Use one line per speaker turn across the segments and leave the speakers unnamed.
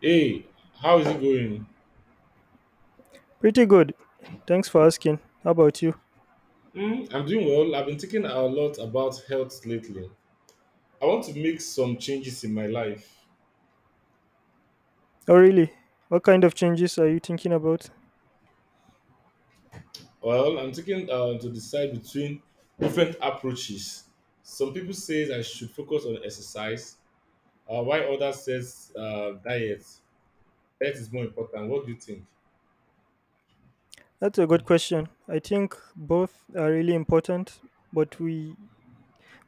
Hey, how is it going?
Pretty good. Thanks for asking. How about you?
Mm, I'm doing well. I've been thinking a lot about health lately. I want to make some changes in my life.
Oh, really? What kind of changes are you thinking about?
Well, I'm thinking to decide between different approaches. Some people say I should focus on exercise, while others says diet. Diet is more important. What do you think?
That's a good question. I think both are really important, but we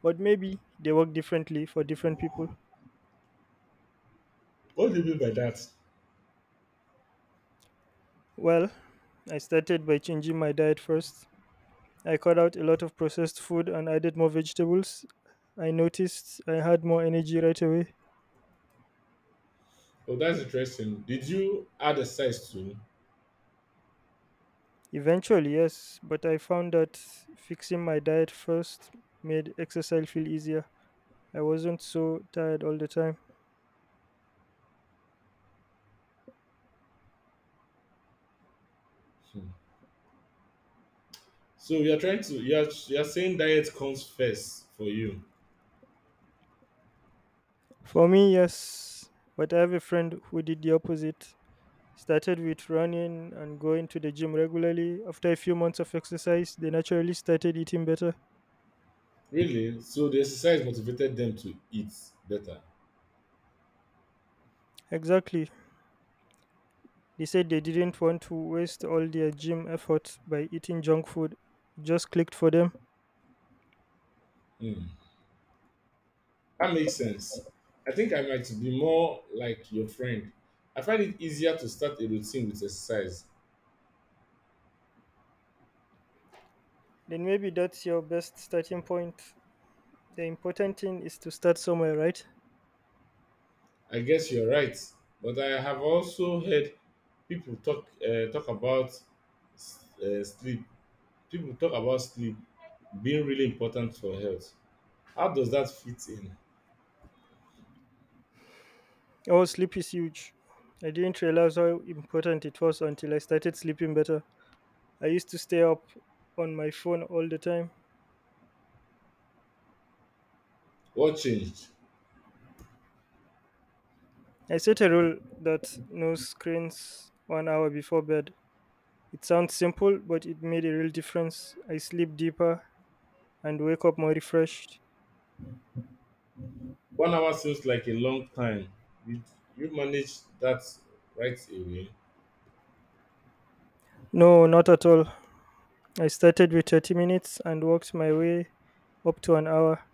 but maybe they work differently for different people.
What do you mean by that?
Well, I started by changing my diet first. I cut out a lot of processed food and added more vegetables. I noticed I had more energy right away.
Oh, that's interesting. Did you add exercise too?
Eventually, yes, but I found that fixing my diet first made exercise feel easier. I wasn't so tired all the time.
Hmm. So you are trying to you are saying diet comes first for you.
For me, yes, but I have a friend who did the opposite. Started with running and going to the gym regularly. After a few months of exercise, they naturally started eating better.
Really? So the exercise motivated them to eat better.
Exactly. They said they didn't want to waste all their gym effort by eating junk food. It just clicked for them.
Hmm. That makes sense. I think I might be more like your friend. I find it easier to start a routine with exercise.
Then maybe that's your best starting point. The important thing is to start somewhere, right?
I guess you're right, but I have also heard people talk about sleep. People talk about sleep being really important for health. How does that fit in?
Oh, sleep is huge. I didn't realize how important it was until I started sleeping better. I used to stay up on my phone all the time.
What changed?
I set a rule that no screens 1 hour before bed. It sounds simple, but it made a real difference. I sleep deeper and wake up more refreshed.
1 hour seems like a long time. Did you manage that right away?
No, not at all. I started with 30 minutes and worked my way up to an hour.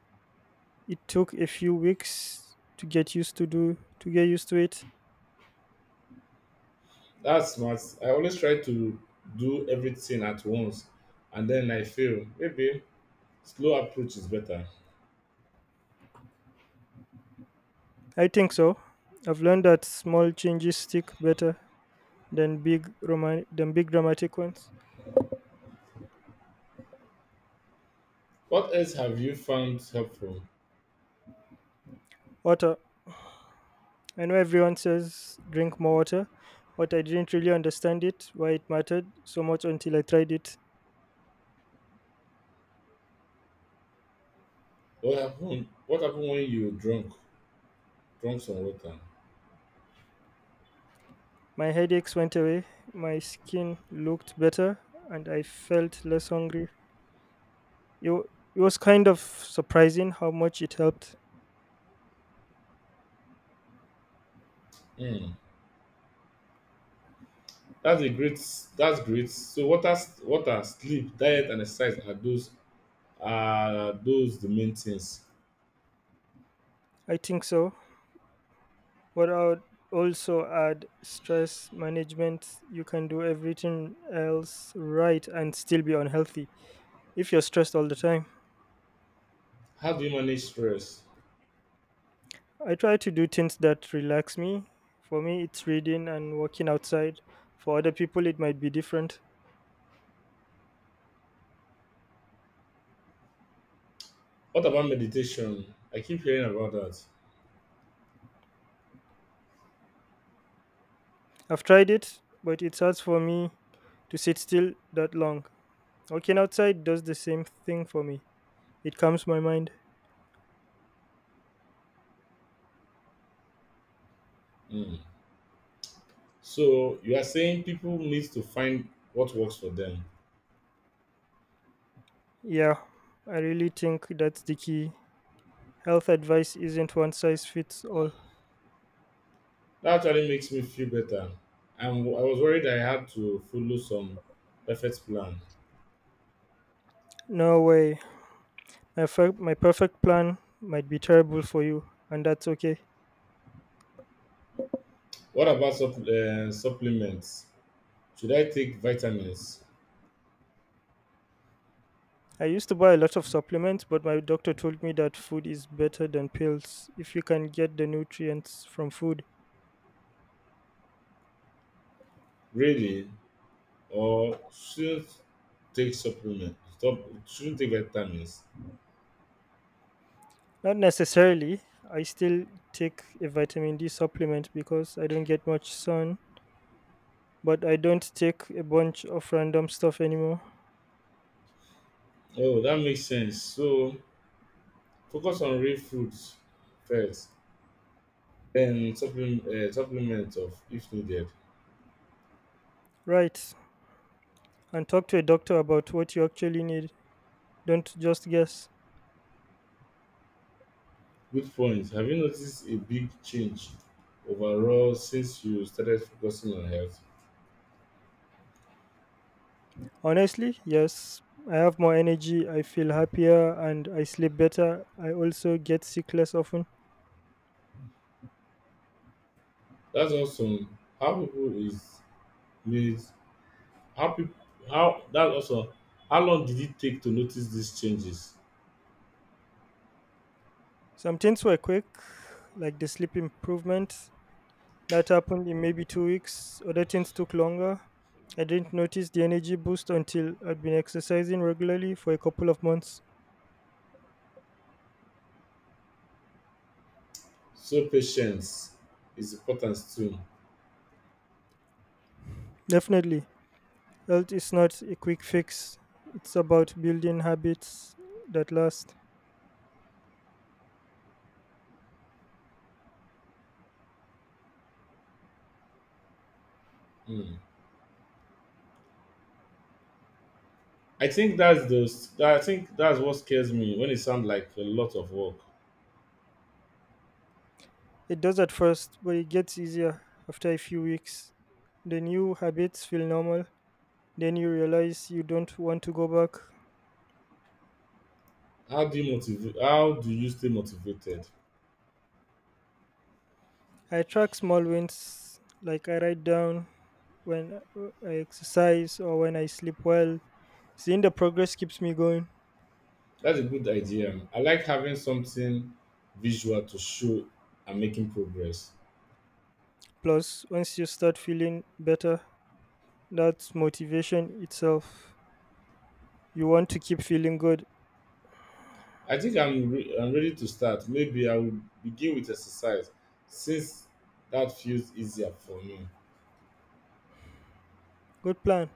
It took a few weeks to get used to do to get used to it.
That's smart. I always try to do everything at once and then I fail. Maybe slow approach is better.
I think so. I've learned that small changes stick better than than big dramatic ones.
What else have you found helpful?
What I know everyone says drink more water, but I didn't really understand it, why it mattered so much until I tried it.
What happened when you drunk some water?
My headaches went away, my skin looked better, and I felt less hungry. It, wa- it was kind of surprising how much it helped.
Hmm. That's a great that's great. So water, sleep, diet and exercise are those the main things.
I think so. But I would also add stress management. You can do everything else right and still be unhealthy if you're stressed all the time.
How do you manage stress?
I try to do things that relax me. For me, it's reading and walking outside. For other people, it might be different.
What about meditation? I keep hearing about that.
I've tried it, but it's hard for me to sit still that long. Walking outside does the same thing for me, it calms my mind.
Hmm. So you are saying people need to find what works for them.
Yeah, I really think that's the key. Health advice isn't one size fits all.
That actually makes me feel better. I was worried I had to follow some perfect plan.
No way. My perfect plan might be terrible for you, and that's okay.
What about supplements? Should I take vitamins?
I used to buy a lot of supplements, but my doctor told me that food is better than pills if you can get the nutrients from food.
Really? Or should take supplements? Stop, shouldn't take vitamins?
Not necessarily. I still take a vitamin D supplement because I don't get much sun, but I don't take a bunch of random stuff anymore.
Oh, that makes sense. So focus on real foods first, then supplement of if needed.
Right. And talk to a doctor about what you actually need. Don't just guess.
Good point. Have you noticed a big change overall since you started focusing on health?
Honestly, yes. I have more energy, I feel happier, and I sleep better. I also get sick less often.
That's awesome. How people is means how people how that also How long did it take to notice these changes?
Some things were quick, like the sleep improvement that happened in maybe 2 weeks. Other things took longer. I didn't notice the energy boost until I'd been exercising regularly for a couple of months.
So patience is important too.
Definitely, health is not a quick fix, it's about building habits that last.
Hmm. I think that's what scares me when it sounds like a lot of work.
It does at first, but it gets easier after a few weeks. The new habits feel normal, then you realize you don't want to go back.
How do you stay motivated?
I track small wins, like I write down when I exercise or when I sleep well. Seeing the progress keeps me going.
That's a good idea. I like having something visual to show I'm making progress.
Plus, once you start feeling better, that's motivation itself. You want to keep feeling good.
I'm ready to start. Maybe I will begin with exercise since that feels easier for me.
Good plan.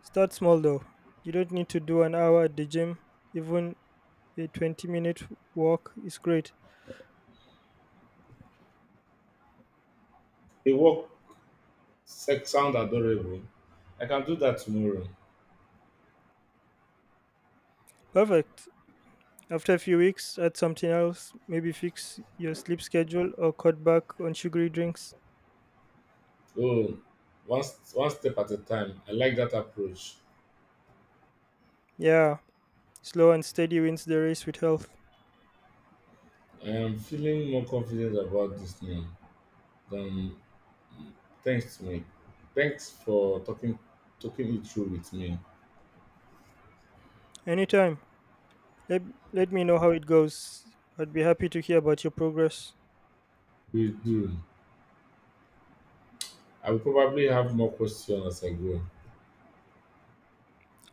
Start small though. You don't need to do an hour at the gym. Even a 20-minute walk is great.
The sound adorable. I can do that tomorrow.
Perfect. After a few weeks, add something else. Maybe fix your sleep schedule or cut back on sugary drinks.
Oh, one step at a time. I like that approach.
Yeah, slow and steady wins the race with health.
I am feeling more confident about this now. Um, thanks to me. Thanks for talking it through with me.
Anytime. Let, Let me know how it goes. I'd be happy to hear about your progress.
We do. I will probably have more questions as I go.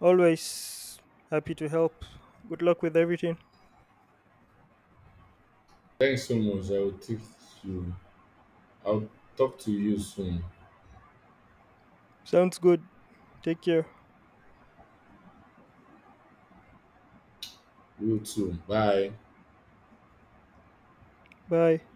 Always happy to help. Good luck with everything.
Thanks so much. You I'll talk to you soon.
Sounds good. Take care.
You too. Bye.
Bye.